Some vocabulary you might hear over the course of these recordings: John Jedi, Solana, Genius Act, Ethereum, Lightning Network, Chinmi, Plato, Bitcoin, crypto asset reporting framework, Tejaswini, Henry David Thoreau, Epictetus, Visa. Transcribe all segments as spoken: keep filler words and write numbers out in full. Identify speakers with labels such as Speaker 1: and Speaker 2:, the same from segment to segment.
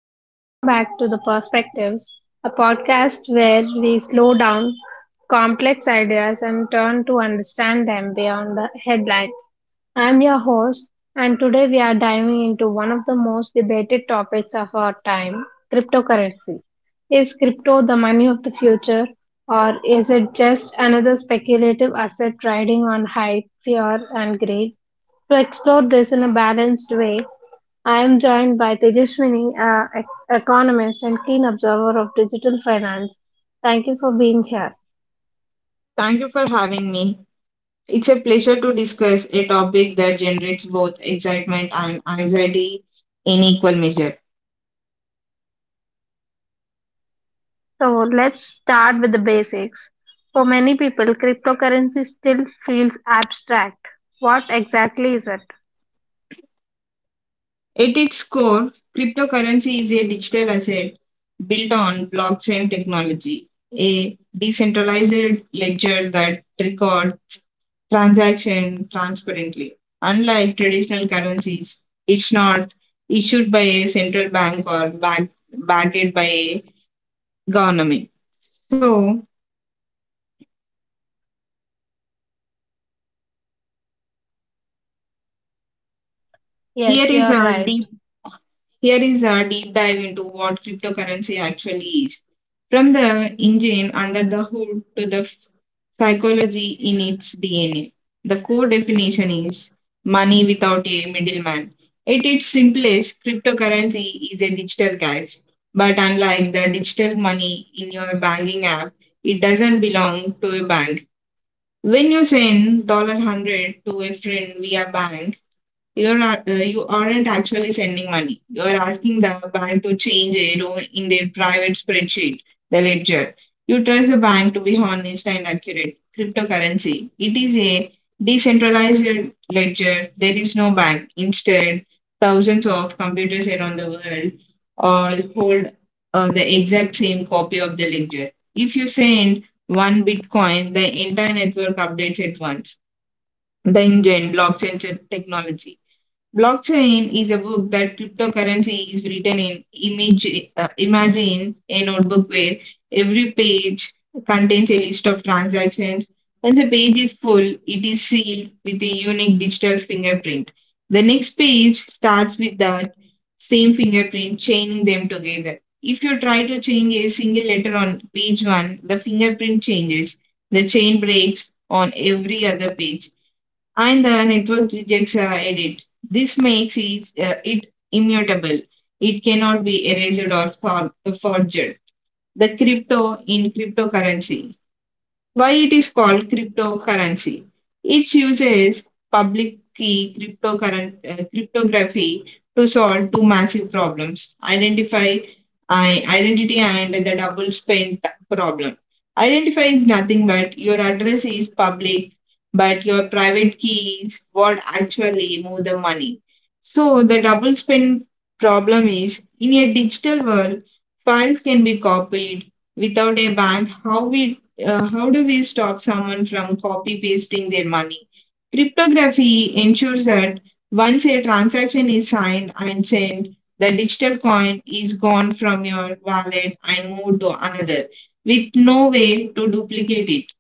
Speaker 1: and welcome back to The Perspectives, a podcast where we slow down complex ideas and turn to understand them beyond the headlines. I'm your host, and today we are diving into one of the most debated topics of our time cryptocurrency. Is crypto the money of the future, or is it just another speculative asset riding on hype, fear, and greed? To explore this in a balanced way, I am joined by Tejaswini, uh, ec- economist and keen observer of digital finance. Thank you for being here.
Speaker 2: Thank you for having me. It's a pleasure to discuss a topic that generates both excitement and anxiety in equal measure.
Speaker 1: So let's start with the basics. For many people, cryptocurrency still feels abstract. What exactly is it?
Speaker 2: At its core, cryptocurrency is a digital asset built on blockchain technology, a decentralized ledger that records transactions transparently. Unlike traditional currencies, it's not issued by a central bank or back, backed by a government. So here
Speaker 1: Yes, you
Speaker 2: is
Speaker 1: are
Speaker 2: a
Speaker 1: right.
Speaker 2: deep Here is a deep dive into what cryptocurrency actually is. From the engine under the hood to the f- psychology in its D N A. The core definition is money without a middleman. At its simplest, cryptocurrency is a digital cash. But unlike the digital money in your banking app, it doesn't belong to a bank. When you send one hundred dollars to a friend via bank, you're not, uh, you aren't actually sending money. You're asking the bank to change a row in their private spreadsheet, the ledger. You trust the bank to be honest and accurate. Cryptocurrency. It is a decentralized ledger. There is no bank. Instead, thousands of computers around the world all hold uh, the exact same copy of the ledger. If you send one Bitcoin, the entire network updates at once. The engine, blockchain te- technology Blockchain is a book that cryptocurrency is written in. Image, uh, imagine a notebook where every page contains a list of transactions. Once a page is full, it is sealed with a unique digital fingerprint. The next page starts with that same fingerprint, chaining them together. If you try to change a single letter on page one, the fingerprint changes. The chain breaks on every other page and the network rejects uh, edit. This makes it, uh, it immutable. It cannot be erased or for- forged. The crypto in cryptocurrency, why it is called cryptocurrency. It uses public key cryptocurren- uh, cryptography to solve two massive problems: identify I, identity and the double spend problem. Identify is nothing but your address is public, but your private key is what actually move the money. So the double spend problem is, in a digital world, files can be copied without a bank. How we uh, how do we stop someone from copy pasting their money? Cryptography ensures that once a transaction is signed and sent, the digital coin is gone from your wallet and moved to another with no way to duplicate it.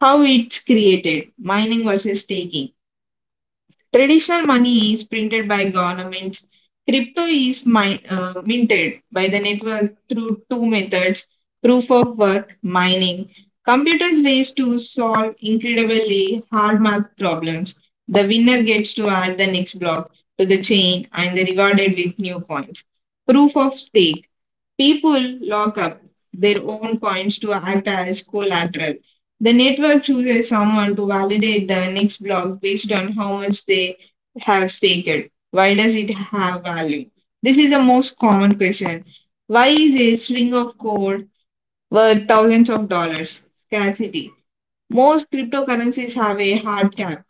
Speaker 2: How it's created, mining versus staking. Traditional money is printed by government. Crypto is min- uh, minted by the network through two methods: proof of work, mining. Computers race to solve incredibly hard math problems. The winner gets to add the next block to the chain and they're rewarded with new coins. Proof of stake. People lock up their own coins to act as collateral. The network chooses someone to validate the next block based on how much they have staked. Why does it have value? This is the most common question. Why is a string of code worth thousands of dollars? Scarcity. Most cryptocurrencies have a hard cap.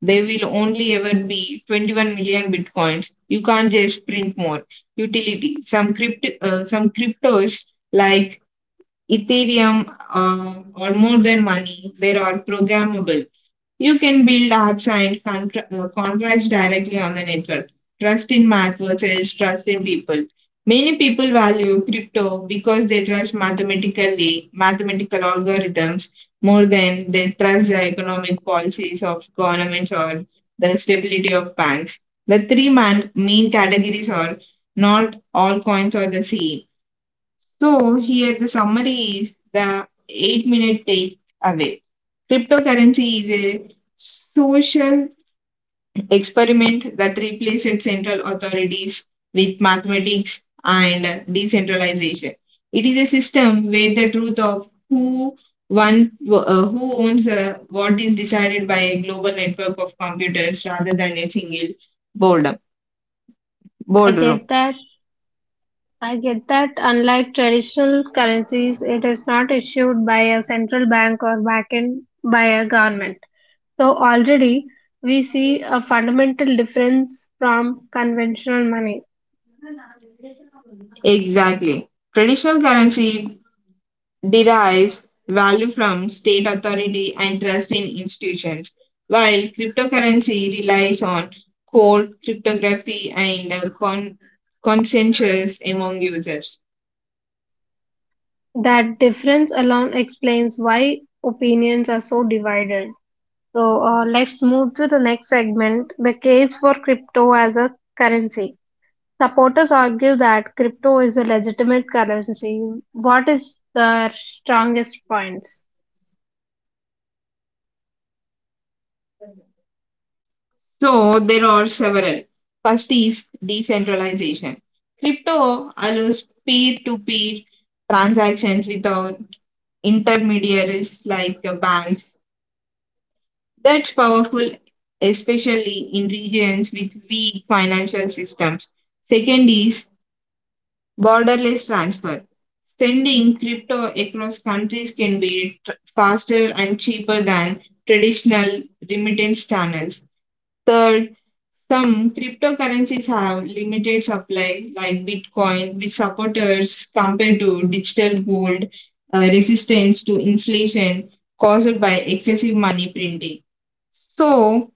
Speaker 2: There will only ever be twenty-one million bitcoins. You can't just print more. Utility. Some crypto, uh, some cryptos like Ethereum uh, or more than money. There are programmable. You can build apps and contra- uh, contracts directly on the network. Trust in math versus trust in people. Many people value crypto because they trust mathematically mathematical algorithms more than they trust the economic policies of governments or the stability of banks. The three man- main categories are, not all coins are the same. So here the summary is the eight minute take away. Cryptocurrency is a social experiment that replaced central authorities with mathematics and decentralization. It is a system where the truth of who one uh, who owns uh, what is decided by a global network of computers rather than a single boredom,
Speaker 1: I
Speaker 2: boardroom.
Speaker 1: get that. I get that unlike traditional currencies, it is not issued by a central bank or backed by a government. So already we see a fundamental difference from conventional money.
Speaker 2: Exactly. Traditional currency derives value from state authority and trust in institutions, while cryptocurrency relies on code, cryptography, and uh, con- consensus among users.
Speaker 1: That difference alone explains why opinions are so divided. So uh, let's move to the next segment the case for crypto as a currency. Supporters argue that crypto is a legitimate currency. What is their strongest points?
Speaker 2: So there are several. First is decentralization. Crypto allows peer-to-peer transactions without intermediaries like banks. That's powerful, especially in regions with weak financial systems. Second is borderless transfer. Sending crypto across countries can be tr- faster and cheaper than traditional remittance channels. Third, some cryptocurrencies have limited supply, like Bitcoin, with supporters compared to digital gold, uh, resistance to inflation caused by excessive money printing. So,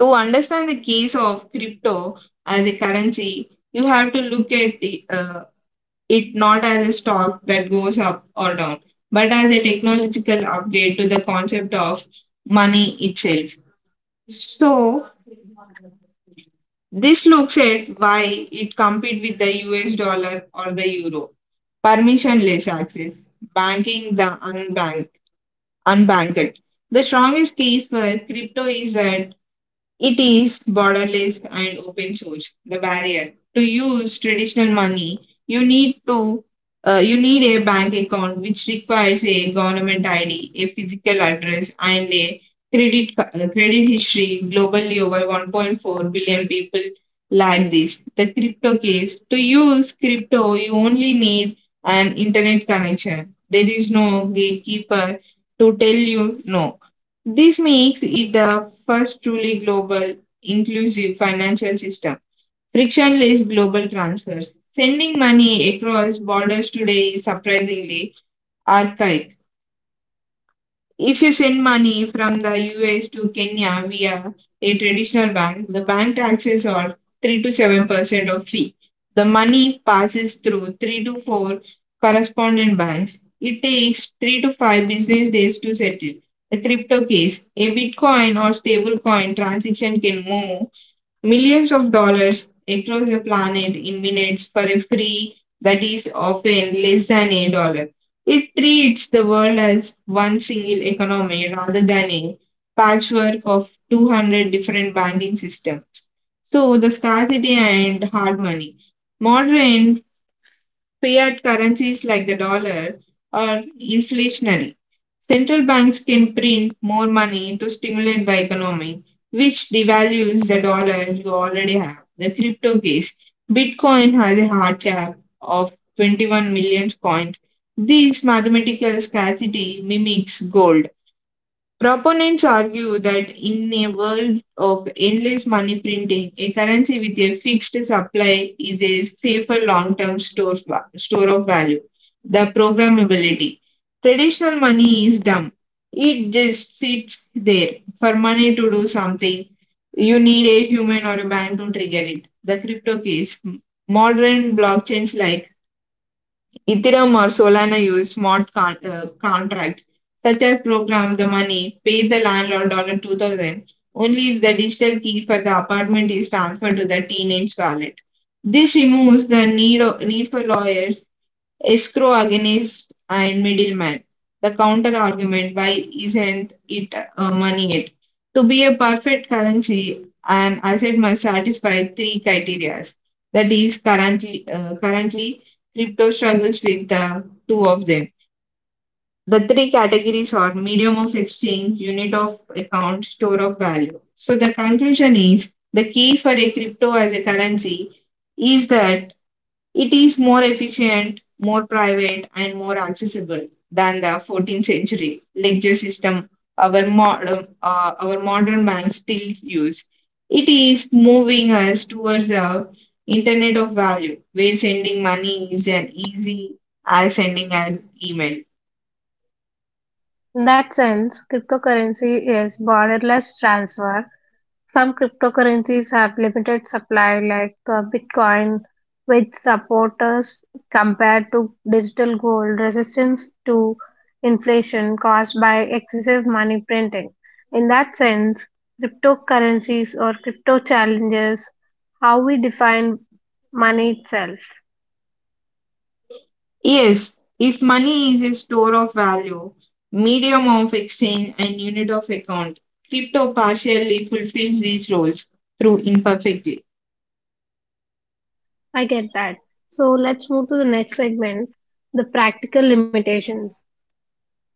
Speaker 2: To understand the case of crypto as a currency, you have to look at the, uh, it not as a stock that goes up or down, but as a technological update to the concept of money itself. So, this looks at why it compete with the U S dollar or the euro. Permissionless access, banking the unbank, unbanked. The strongest case for crypto is that it is borderless and open source. The barrier to use traditional money, you need to uh, you need a bank account which requires a government I D, a physical address, and a credit ca- uh, credit history. Globally, over one point four billion people lack this. The crypto case, to use crypto, you only need an internet connection. There is no gatekeeper to tell you no. This makes it the first truly global, inclusive financial system. Frictionless global transfers. Sending money across borders today is surprisingly archaic. If you send money from the U S to Kenya via a traditional bank, the bank taxes are three to seven percent of fee. The money passes through three to four correspondent banks. It takes three to five business days to settle. A crypto case, a Bitcoin or stablecoin transaction can move millions of dollars across the planet in minutes for a fee that is often less than a dollar. It treats the world as one single economy rather than a patchwork of two hundred different banking systems. So, the scarcity and hard money. Modern fiat currencies like the dollar are inflationary. Central banks can print more money to stimulate the economy, which devalues the dollar you already have. The crypto case, Bitcoin has a hard cap of twenty-one million coins. This mathematical scarcity mimics gold. Proponents argue that in a world of endless money printing, a currency with a fixed supply is a safer long term store, va- store of value. The programmability. Traditional money is dumb, it just sits there. For money to do something, you need a human or a bank to trigger it. The crypto case. Modern blockchains like Ethereum or Solana use smart con- uh, contracts such as program the money, pay the landlord dollar two thousand only if the digital key for the apartment is transferred to the teenage wallet. This removes the need, of, need for lawyers escrow against and middleman. The counter argument, why isn't it uh, money yet? To be a perfect currency, an asset must satisfy three criteria. That is, currently, uh, currently crypto struggles with the two of them. The three categories are medium of exchange, unit of account, store of value. So the conclusion is the key for a crypto as a currency is that it is more efficient, more private, and more accessible than the fourteenth century lecture system our modern, uh, our modern banks still use. It is moving us towards the internet of value, where sending money is as easy as sending an email.
Speaker 1: In that sense, cryptocurrency is borderless transfer. Some cryptocurrencies have limited supply, like uh, Bitcoin, which supporters compared to digital gold resistance to inflation caused by excessive money printing. In that sense, cryptocurrencies or crypto challenges how we define money itself.
Speaker 2: Yes, if money is a store of value, medium of exchange, and unit of account, crypto partially fulfills these roles through imperfect.
Speaker 1: I get that. So let's move to the next segment the practical limitations.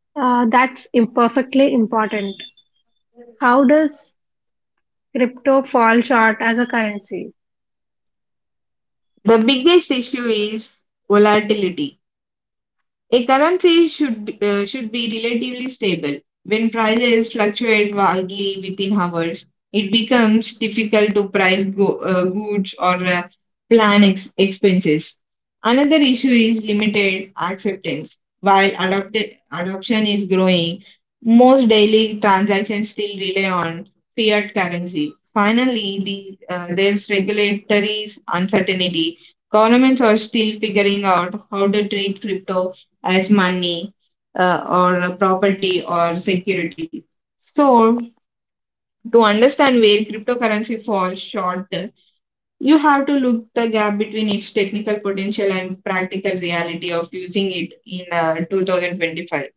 Speaker 1: Uh, that's imperfectly important. How does crypto fall short as a currency?
Speaker 2: The biggest issue is volatility. A currency should be, uh, should be relatively stable. When prices fluctuate wildly within hours, it becomes difficult to price go, uh, goods or uh, plan ex- expenses. Another issue is limited acceptance. While adopt- adoption is growing, most daily transactions still rely on fiat currency. Finally, the, uh, there's regulatory uncertainty. Governments are still figuring out how to treat crypto as money uh, or a property or security. So, to understand where cryptocurrency falls short, you have to look the gap between its technical potential and practical reality of using it in uh, twenty twenty-five.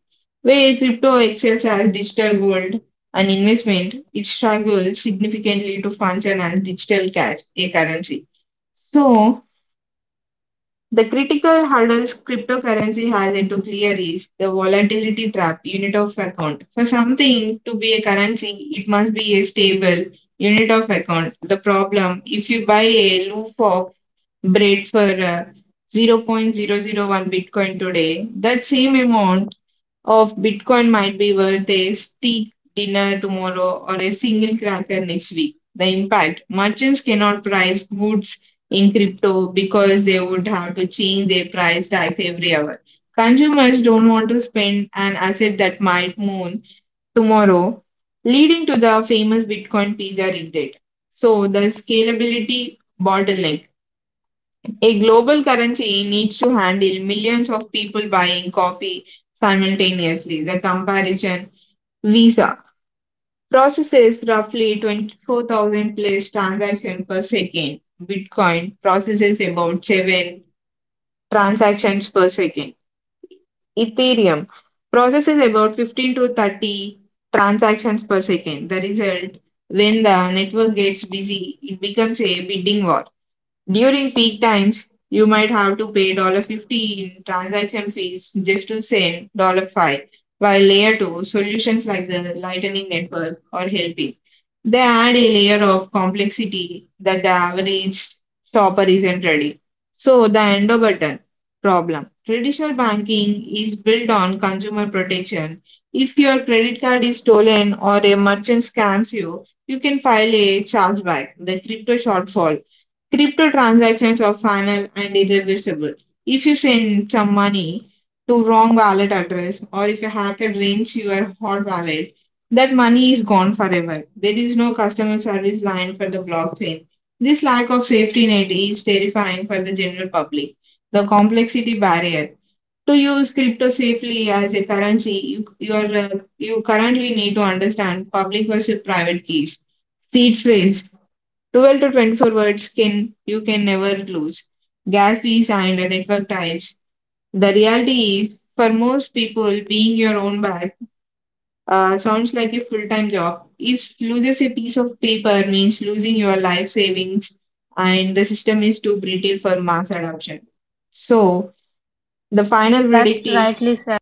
Speaker 2: Where crypto excels as digital gold and investment, it struggles significantly to function as digital cash, a currency. So, the critical hurdles cryptocurrency has into clear is the volatility trap, unit of account. For something to be a currency, it must be a stable unit of account. The problem, if you buy a loaf of bread for uh, zero point zero zero 0.001 Bitcoin today, that same amount of Bitcoin might be worth a steak dinner tomorrow or a single cracker next week. The impact, merchants cannot price goods in crypto because they would have to change their price tags every hour. Consumers don't want to spend an asset that might moon tomorrow, leading to the famous Bitcoin pizza regret. So, the scalability bottleneck. A global currency needs to handle millions of people buying coffee simultaneously. The comparison, Visa processes roughly twenty-four thousand plus transactions per second. Bitcoin processes about seven transactions per second. Ethereum processes about fifteen to thirty transactions per second. The result, when the network gets busy, it becomes a bidding war. During peak times, you might have to pay fifteen transaction fees just to send five while layer two solutions like the Lightning Network are helping. They add a layer of complexity that the average shopper isn't ready. So, the endo button problem. Traditional banking is built on consumer protection. If your credit card is stolen or a merchant scams you, you can file a chargeback. The crypto shortfall: crypto transactions are final and irreversible. If you send some money to wrong wallet address or if a hacker drains your hot wallet, that money is gone forever. There is no customer service line for the blockchain. This lack of safety net is terrifying for the general public. The complexity barrier. To use crypto safely as a currency, you, you, are, uh, you currently need to understand public versus private keys, seed phrase, twelve to twenty-four words can you can never lose. Gatsby fees and network types. The reality is, for most people, being your own bag uh, sounds like a full time job. If loses a piece of paper means losing your life savings, and the system is too brittle for mass adoption. So, the final verdict
Speaker 1: That's
Speaker 2: is
Speaker 1: rightly said.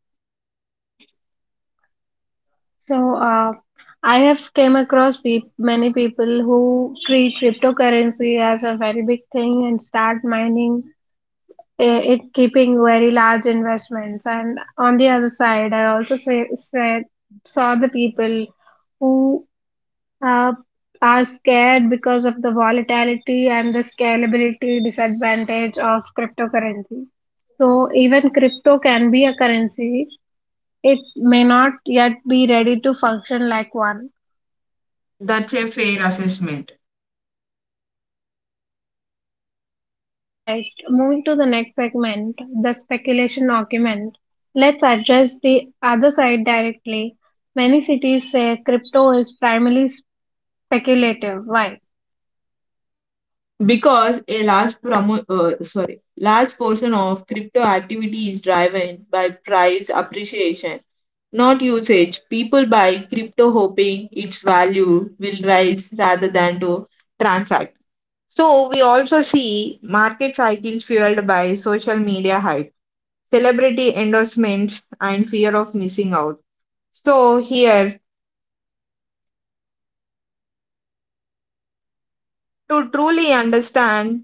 Speaker 1: So uh, I have came across peop many people who treat cryptocurrency as a very big thing and start mining eh, it, keeping very large investments. And on the other side, I also say, said, saw the people who uh, are scared because of the volatility and the scalability disadvantage of cryptocurrency. So even crypto can be a currency, it may not yet be ready to function like one.
Speaker 2: that's a fair assessment
Speaker 1: Right. Moving to the next segment, the speculation argument. Let's address the other side directly. Many cities say crypto is primarily speculative. Why?
Speaker 2: because a large promo uh, sorry large portion of crypto activity is driven by price appreciation not usage. People buy crypto hoping its value will rise rather than to transact. So we also see market cycles fueled by social media hype, celebrity endorsements, and fear of missing out. So here, to truly understand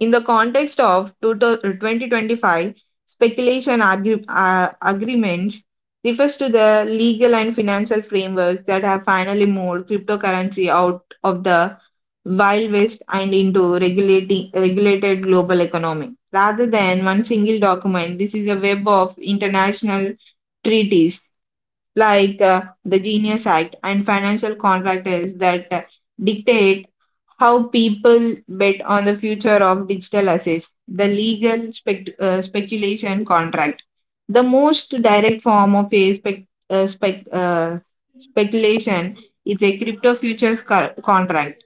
Speaker 2: in the context of twenty twenty-five, speculation argu- uh, agreements refers to the legal and financial frameworks that have finally moved cryptocurrency out of the Wild West and into regulating regulated global economy. Rather than one single document, this is a web of international treaties like uh, the Genius Act and financial contracts that uh, dictate how people bet on the future of digital assets, the legal spec- uh, speculation contract. The most direct form of a spec- uh, spec- uh, speculation is a crypto futures co- contract.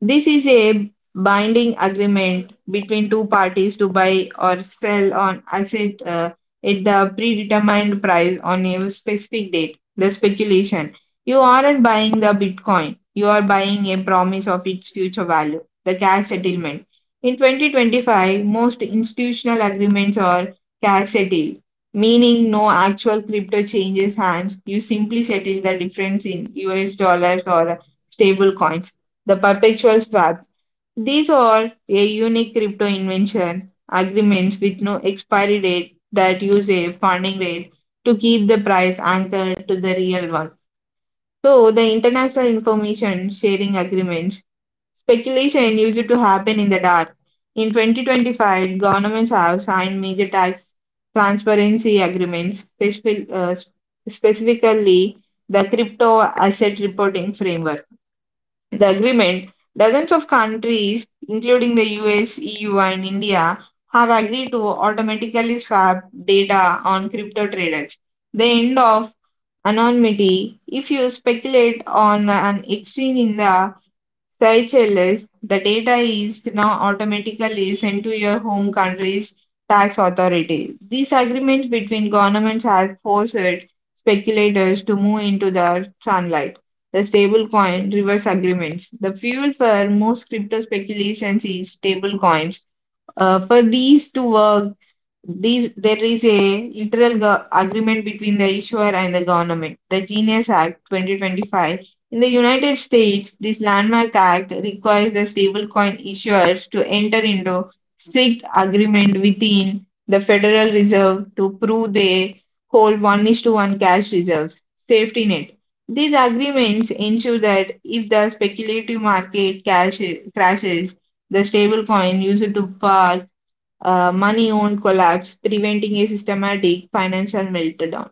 Speaker 2: This is a binding agreement between two parties to buy or sell an asset uh, at the predetermined price on a specific date. The speculation. You aren't buying the Bitcoin. You are buying a promise of its future value, the cash settlement. In twenty twenty-five, most institutional agreements are cash settled, meaning no actual crypto changes hands. You simply settle the difference in U S dollars or stable coins. The perpetual swap. These are a unique crypto invention, agreements with no expiry date that use a funding rate to keep the price anchored to the real one. So, the international information sharing agreements, speculation used to happen in the dark. In twenty twenty-five, governments have signed major tax transparency agreements, specific, uh, specifically the crypto asset reporting framework. The agreement, dozens of countries, including the U S, E U, and India, have agreed to automatically swap data on crypto traders. The end of anonymity: if you speculate on an exchange in the S H L S, the data is now automatically sent to your home country's tax authority. These agreements between governments have forced speculators to move into the sunlight. The stablecoin reverse agreements. The fuel for most crypto speculations is stablecoins. Uh, for these to work, these, there is a literal go- agreement between the issuer and the government. The Genius Act twenty twenty-five. In the United States, this landmark act requires the stablecoin issuers to enter into strict agreement within the Federal Reserve to prove they hold one is to one cash reserves, safety net. These agreements ensure that if the speculative market cash crashes, the stablecoin used to par uh, money owned collapse, preventing a systematic financial meltdown.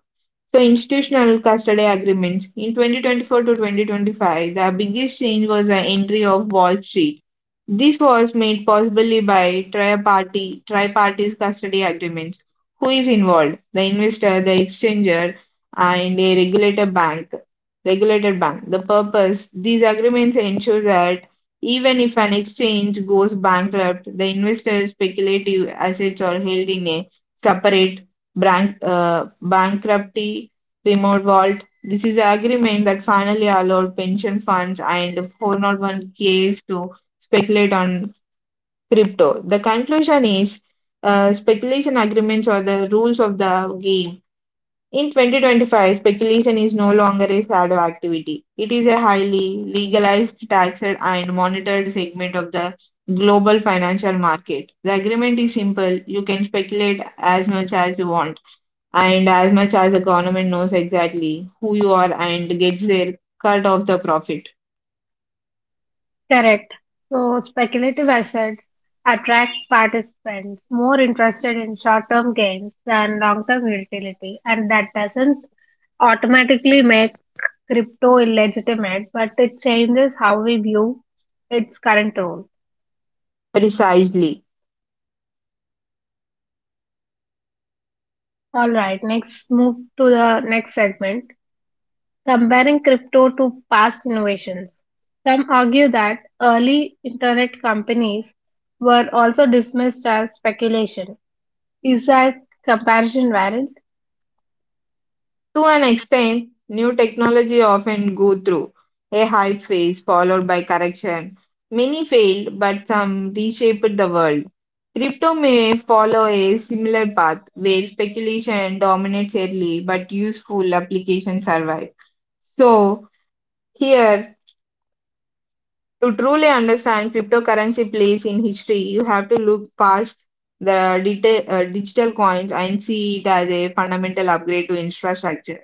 Speaker 2: So, institutional custody agreements in twenty twenty-four to twenty twenty-five, the biggest change was the entry of Wall Street. This was made possibly by tri-party tri-parties custody agreements. Who is involved? The investor, the exchanger, and a regulator bank. Regulated bank. The purpose: these agreements ensure that even if an exchange goes bankrupt, the investor's speculative assets are held in a separate bank, uh, bankruptcy remote vault. This is an agreement that finally allowed pension funds and four oh one k's to speculate on crypto. The conclusion is uh, speculation agreements are the rules of the game. In twenty twenty-five, speculation is no longer a shadow activity. It is a highly legalized, taxed, and monitored segment of the global financial market. The agreement is simple. You can speculate as much as you want, and as much as the government knows exactly who you are and gets their cut of the profit.
Speaker 1: Correct. So speculative assets attract participants more interested in short-term gains than long-term utility, and that doesn't automatically make crypto illegitimate, but it changes how we view its current role.
Speaker 2: Precisely.
Speaker 1: All right, next move to the next segment, comparing crypto to past innovations. Some argue that early internet companies were also dismissed as speculation. Is that comparison valid?
Speaker 2: To an extent, new technology often go through a hype phase followed by correction. Many failed, but some reshaped the world. Crypto may follow a similar path where speculation dominates early, but useful applications survive. So, here, to truly understand cryptocurrency place in history, you have to look past the deta- uh, digital coins and see it as a fundamental upgrade to infrastructure.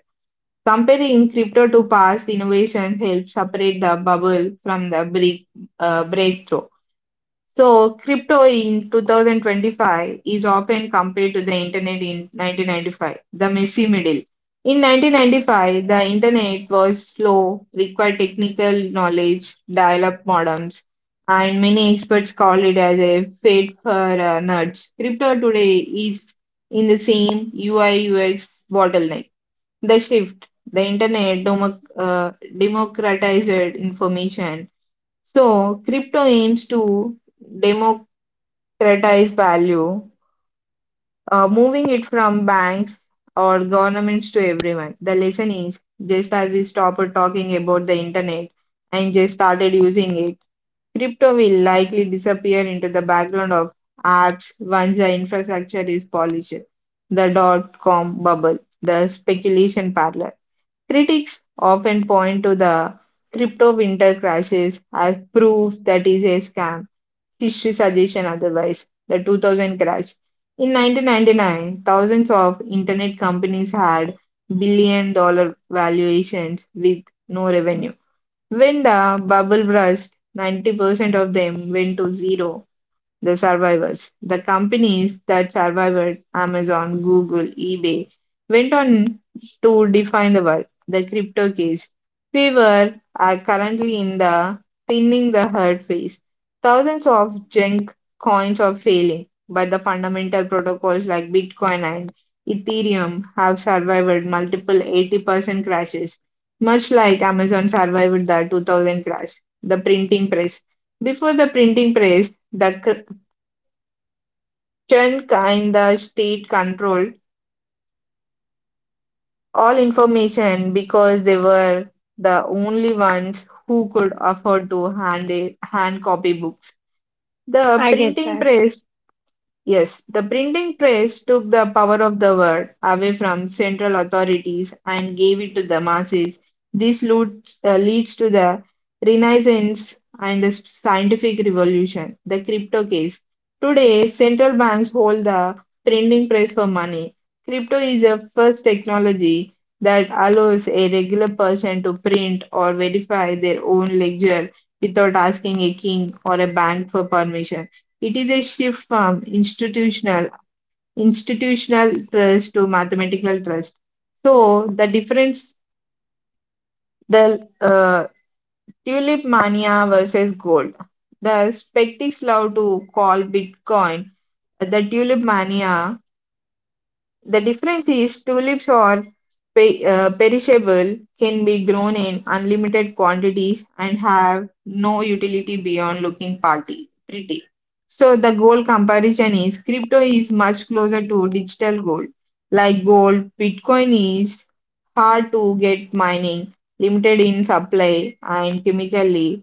Speaker 2: Comparing crypto to past innovations helps separate the bubble from the break, uh, breakthrough. So, crypto in twenty twenty-five is often compared to the internet in nineteen ninety-five, the messy middle. In nineteen ninety-five, the internet was slow, required technical knowledge, dial up modems, and many experts call it as a fate for uh, nerds. Crypto today is in the same U I U X bottleneck. The shift, the internet democ- uh, democratized information. So, crypto aims to democratize value, uh, moving it from banks or governments to everyone. The lesson is just as we stopped talking about the internet and just started using it, crypto will likely disappear into the background of apps once the infrastructure is polished. The dot com bubble, the speculation parlor. Critics often point to the crypto winter crashes as proof that is a scam. History suggests otherwise. The two thousand crash. In nineteen ninety-nine, thousands of internet companies had billion dollar valuations with no revenue. When the bubble burst, ninety percent of them went to zero. The survivors: the companies that survived, Amazon, Google, eBay, went on to define the world. The crypto case. We were are currently in the thinning the herd phase. Thousands of junk coins are failing, but the fundamental protocols like Bitcoin and Ethereum have survived multiple eighty percent crashes, much like Amazon survived the two thousand crash. The printing press. Before the printing press, the cr- Christian kinda state controlled all information because they were the only ones who could afford to hand hand copy books. The
Speaker 1: I get
Speaker 2: printing
Speaker 1: that.
Speaker 2: press. Yes, the printing press took the power of the word away from central authorities and gave it to the masses. This leads, uh, leads to the Renaissance and the scientific revolution, the crypto case. Today, central banks hold the printing press for money. Crypto is the first technology that allows a regular person to print or verify their own ledger without asking a king or a bank for permission. It is a shift from institutional institutional trust to mathematical trust. So the difference, the uh, tulip mania versus gold. The skeptics love to call Bitcoin the tulip mania. The difference is tulips are pe- uh, perishable, can be grown in unlimited quantities, and have no utility beyond looking party pretty. So the gold comparison is crypto is much closer to digital gold. Like gold, Bitcoin is hard to get mining, limited in supply, and chemically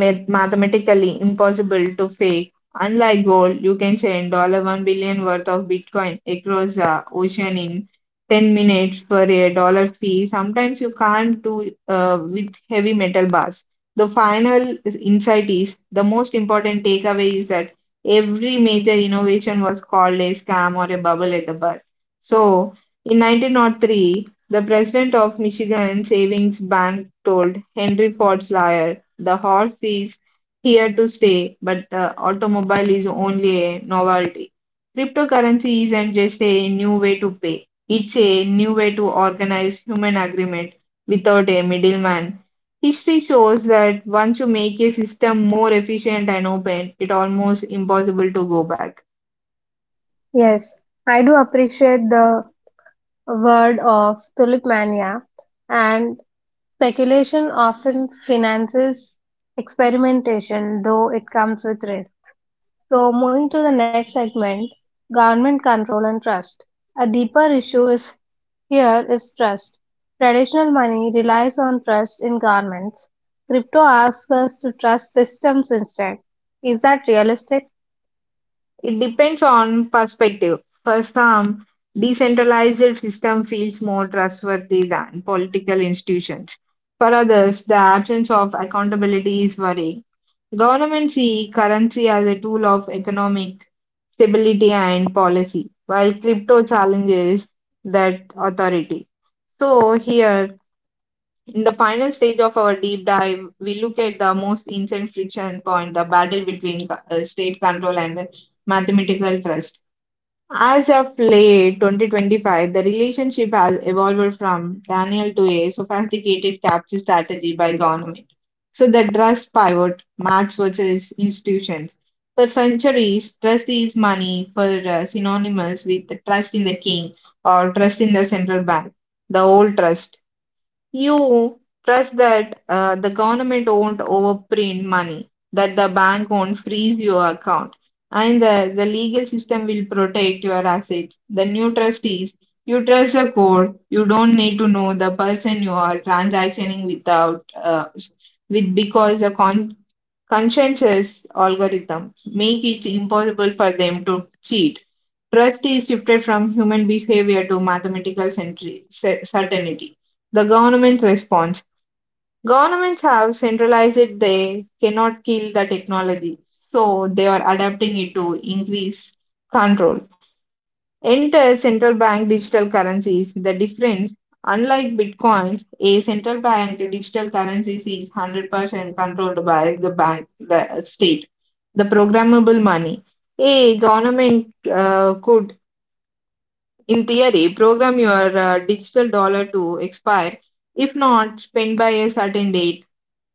Speaker 2: math- mathematically impossible to fake. Unlike gold, you can send one billion dollars worth of Bitcoin across the ocean in ten minutes for a dollar fee. Sometimes you can't do uh, with heavy metal bars. The final insight is the most important takeaway is that every major innovation was called a scam or a bubble at the birth. So, in nineteen oh three, the president of Michigan Savings Bank told Henry Ford's lawyer the horse is here to stay, but the automobile is only a novelty. Cryptocurrency isn't just a new way to pay, it's a new way to organize human agreement without a middleman. History shows that once you make a system more efficient and open, it's almost impossible to go back.
Speaker 1: Yes, I do appreciate the word of tulip mania, and speculation often finances experimentation, though it comes with risks. So, moving to the next segment government control and trust. A deeper issue is here is trust. Traditional money relies on trust in governments. Crypto asks us to trust systems instead. Is that realistic?
Speaker 2: It depends on perspective. For some, decentralized system feels more trustworthy than political institutions. For others, the absence of accountability is worrying. Governments see currency as a tool of economic stability and policy, while crypto challenges that authority. So here, in the final stage of our deep dive, we look at the most ancient friction point, the battle between uh, state control and mathematical trust. As of late twenty twenty-five, the relationship has evolved from Daniel to a sophisticated capture strategy by government. So the trust pivot match versus institutions. For centuries, trust is money for uh, synonymous with the trust in the king or trust in the central bank, the old trust. You trust that uh, the government won't overprint money, that the bank won't freeze your account, and the, the legal system will protect your assets. The new trust is you trust the court. You don't need to know the person you are transactioning without uh, with because the con- conscientious algorithm make it impossible for them to cheat. Trust is shifted from human behavior to mathematical centri- cer- certainty. The government response. Governments have centralized it, they cannot kill the technology, so they are adapting it to increase control. Enter central bank digital currencies. The difference, unlike bitcoins, a central bank digital currency is one hundred percent controlled by the bank, the state the programmable money. A government uh, could, in theory, program your uh, digital dollar to expire, if not spent by a certain date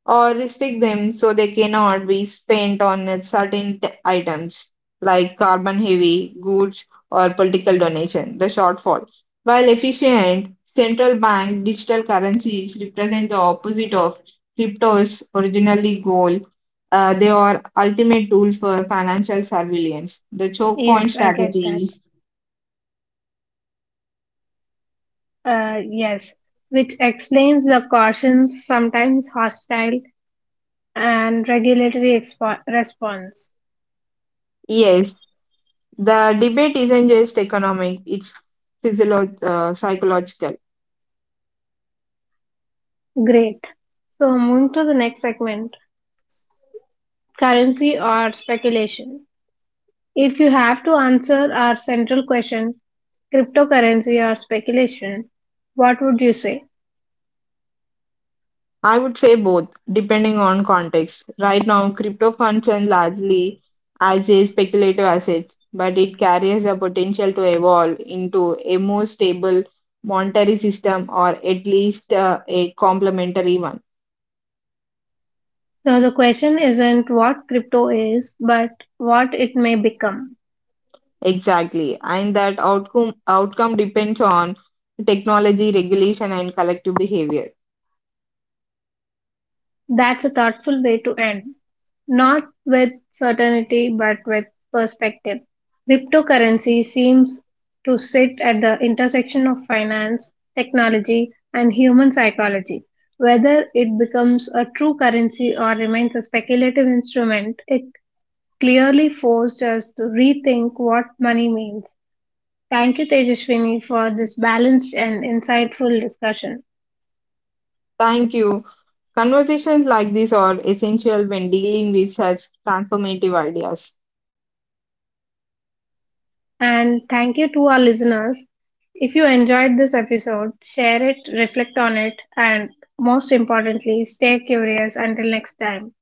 Speaker 2: or restrict them so they cannot be spent on a certain t- items like carbon heavy goods or political donation the shortfall while efficient central bank digital currencies represent the opposite of crypto's originally goal. Uh, they are ultimate tool for financial surveillance the choke point
Speaker 1: Yes, I get that.
Speaker 2: strategies.
Speaker 1: Uh, yes, which explains the caution's sometimes hostile and regulatory expo- response.
Speaker 2: Yes, the debate isn't just economic, it's physiolo- uh, psychological.
Speaker 1: Great. So, moving to the next segment currency or speculation. If you have to answer our central question, cryptocurrency or speculation, what would you say?
Speaker 2: I would say both, depending on context. Right now, crypto functions largely as a speculative asset, but it carries the potential to evolve into a more stable monetary system or at least uh, a complementary one.
Speaker 1: So, the question isn't what crypto is, but what it may become.
Speaker 2: Exactly. And that outcome outcome depends on technology, regulation, and collective behavior.
Speaker 1: That's a thoughtful way to end. Not with certainty, but with perspective. Cryptocurrency seems to sit at the intersection of finance, technology, and human psychology. Whether it becomes a true currency or remains a speculative instrument, it clearly forced us to rethink what money means. Thank you, Tejaswini, for this balanced and insightful discussion.
Speaker 2: Thank you. Conversations like this are essential when dealing with such transformative ideas.
Speaker 1: And thank you to our listeners. If you enjoyed this episode, share it, reflect on it, and most importantly, stay curious until next time.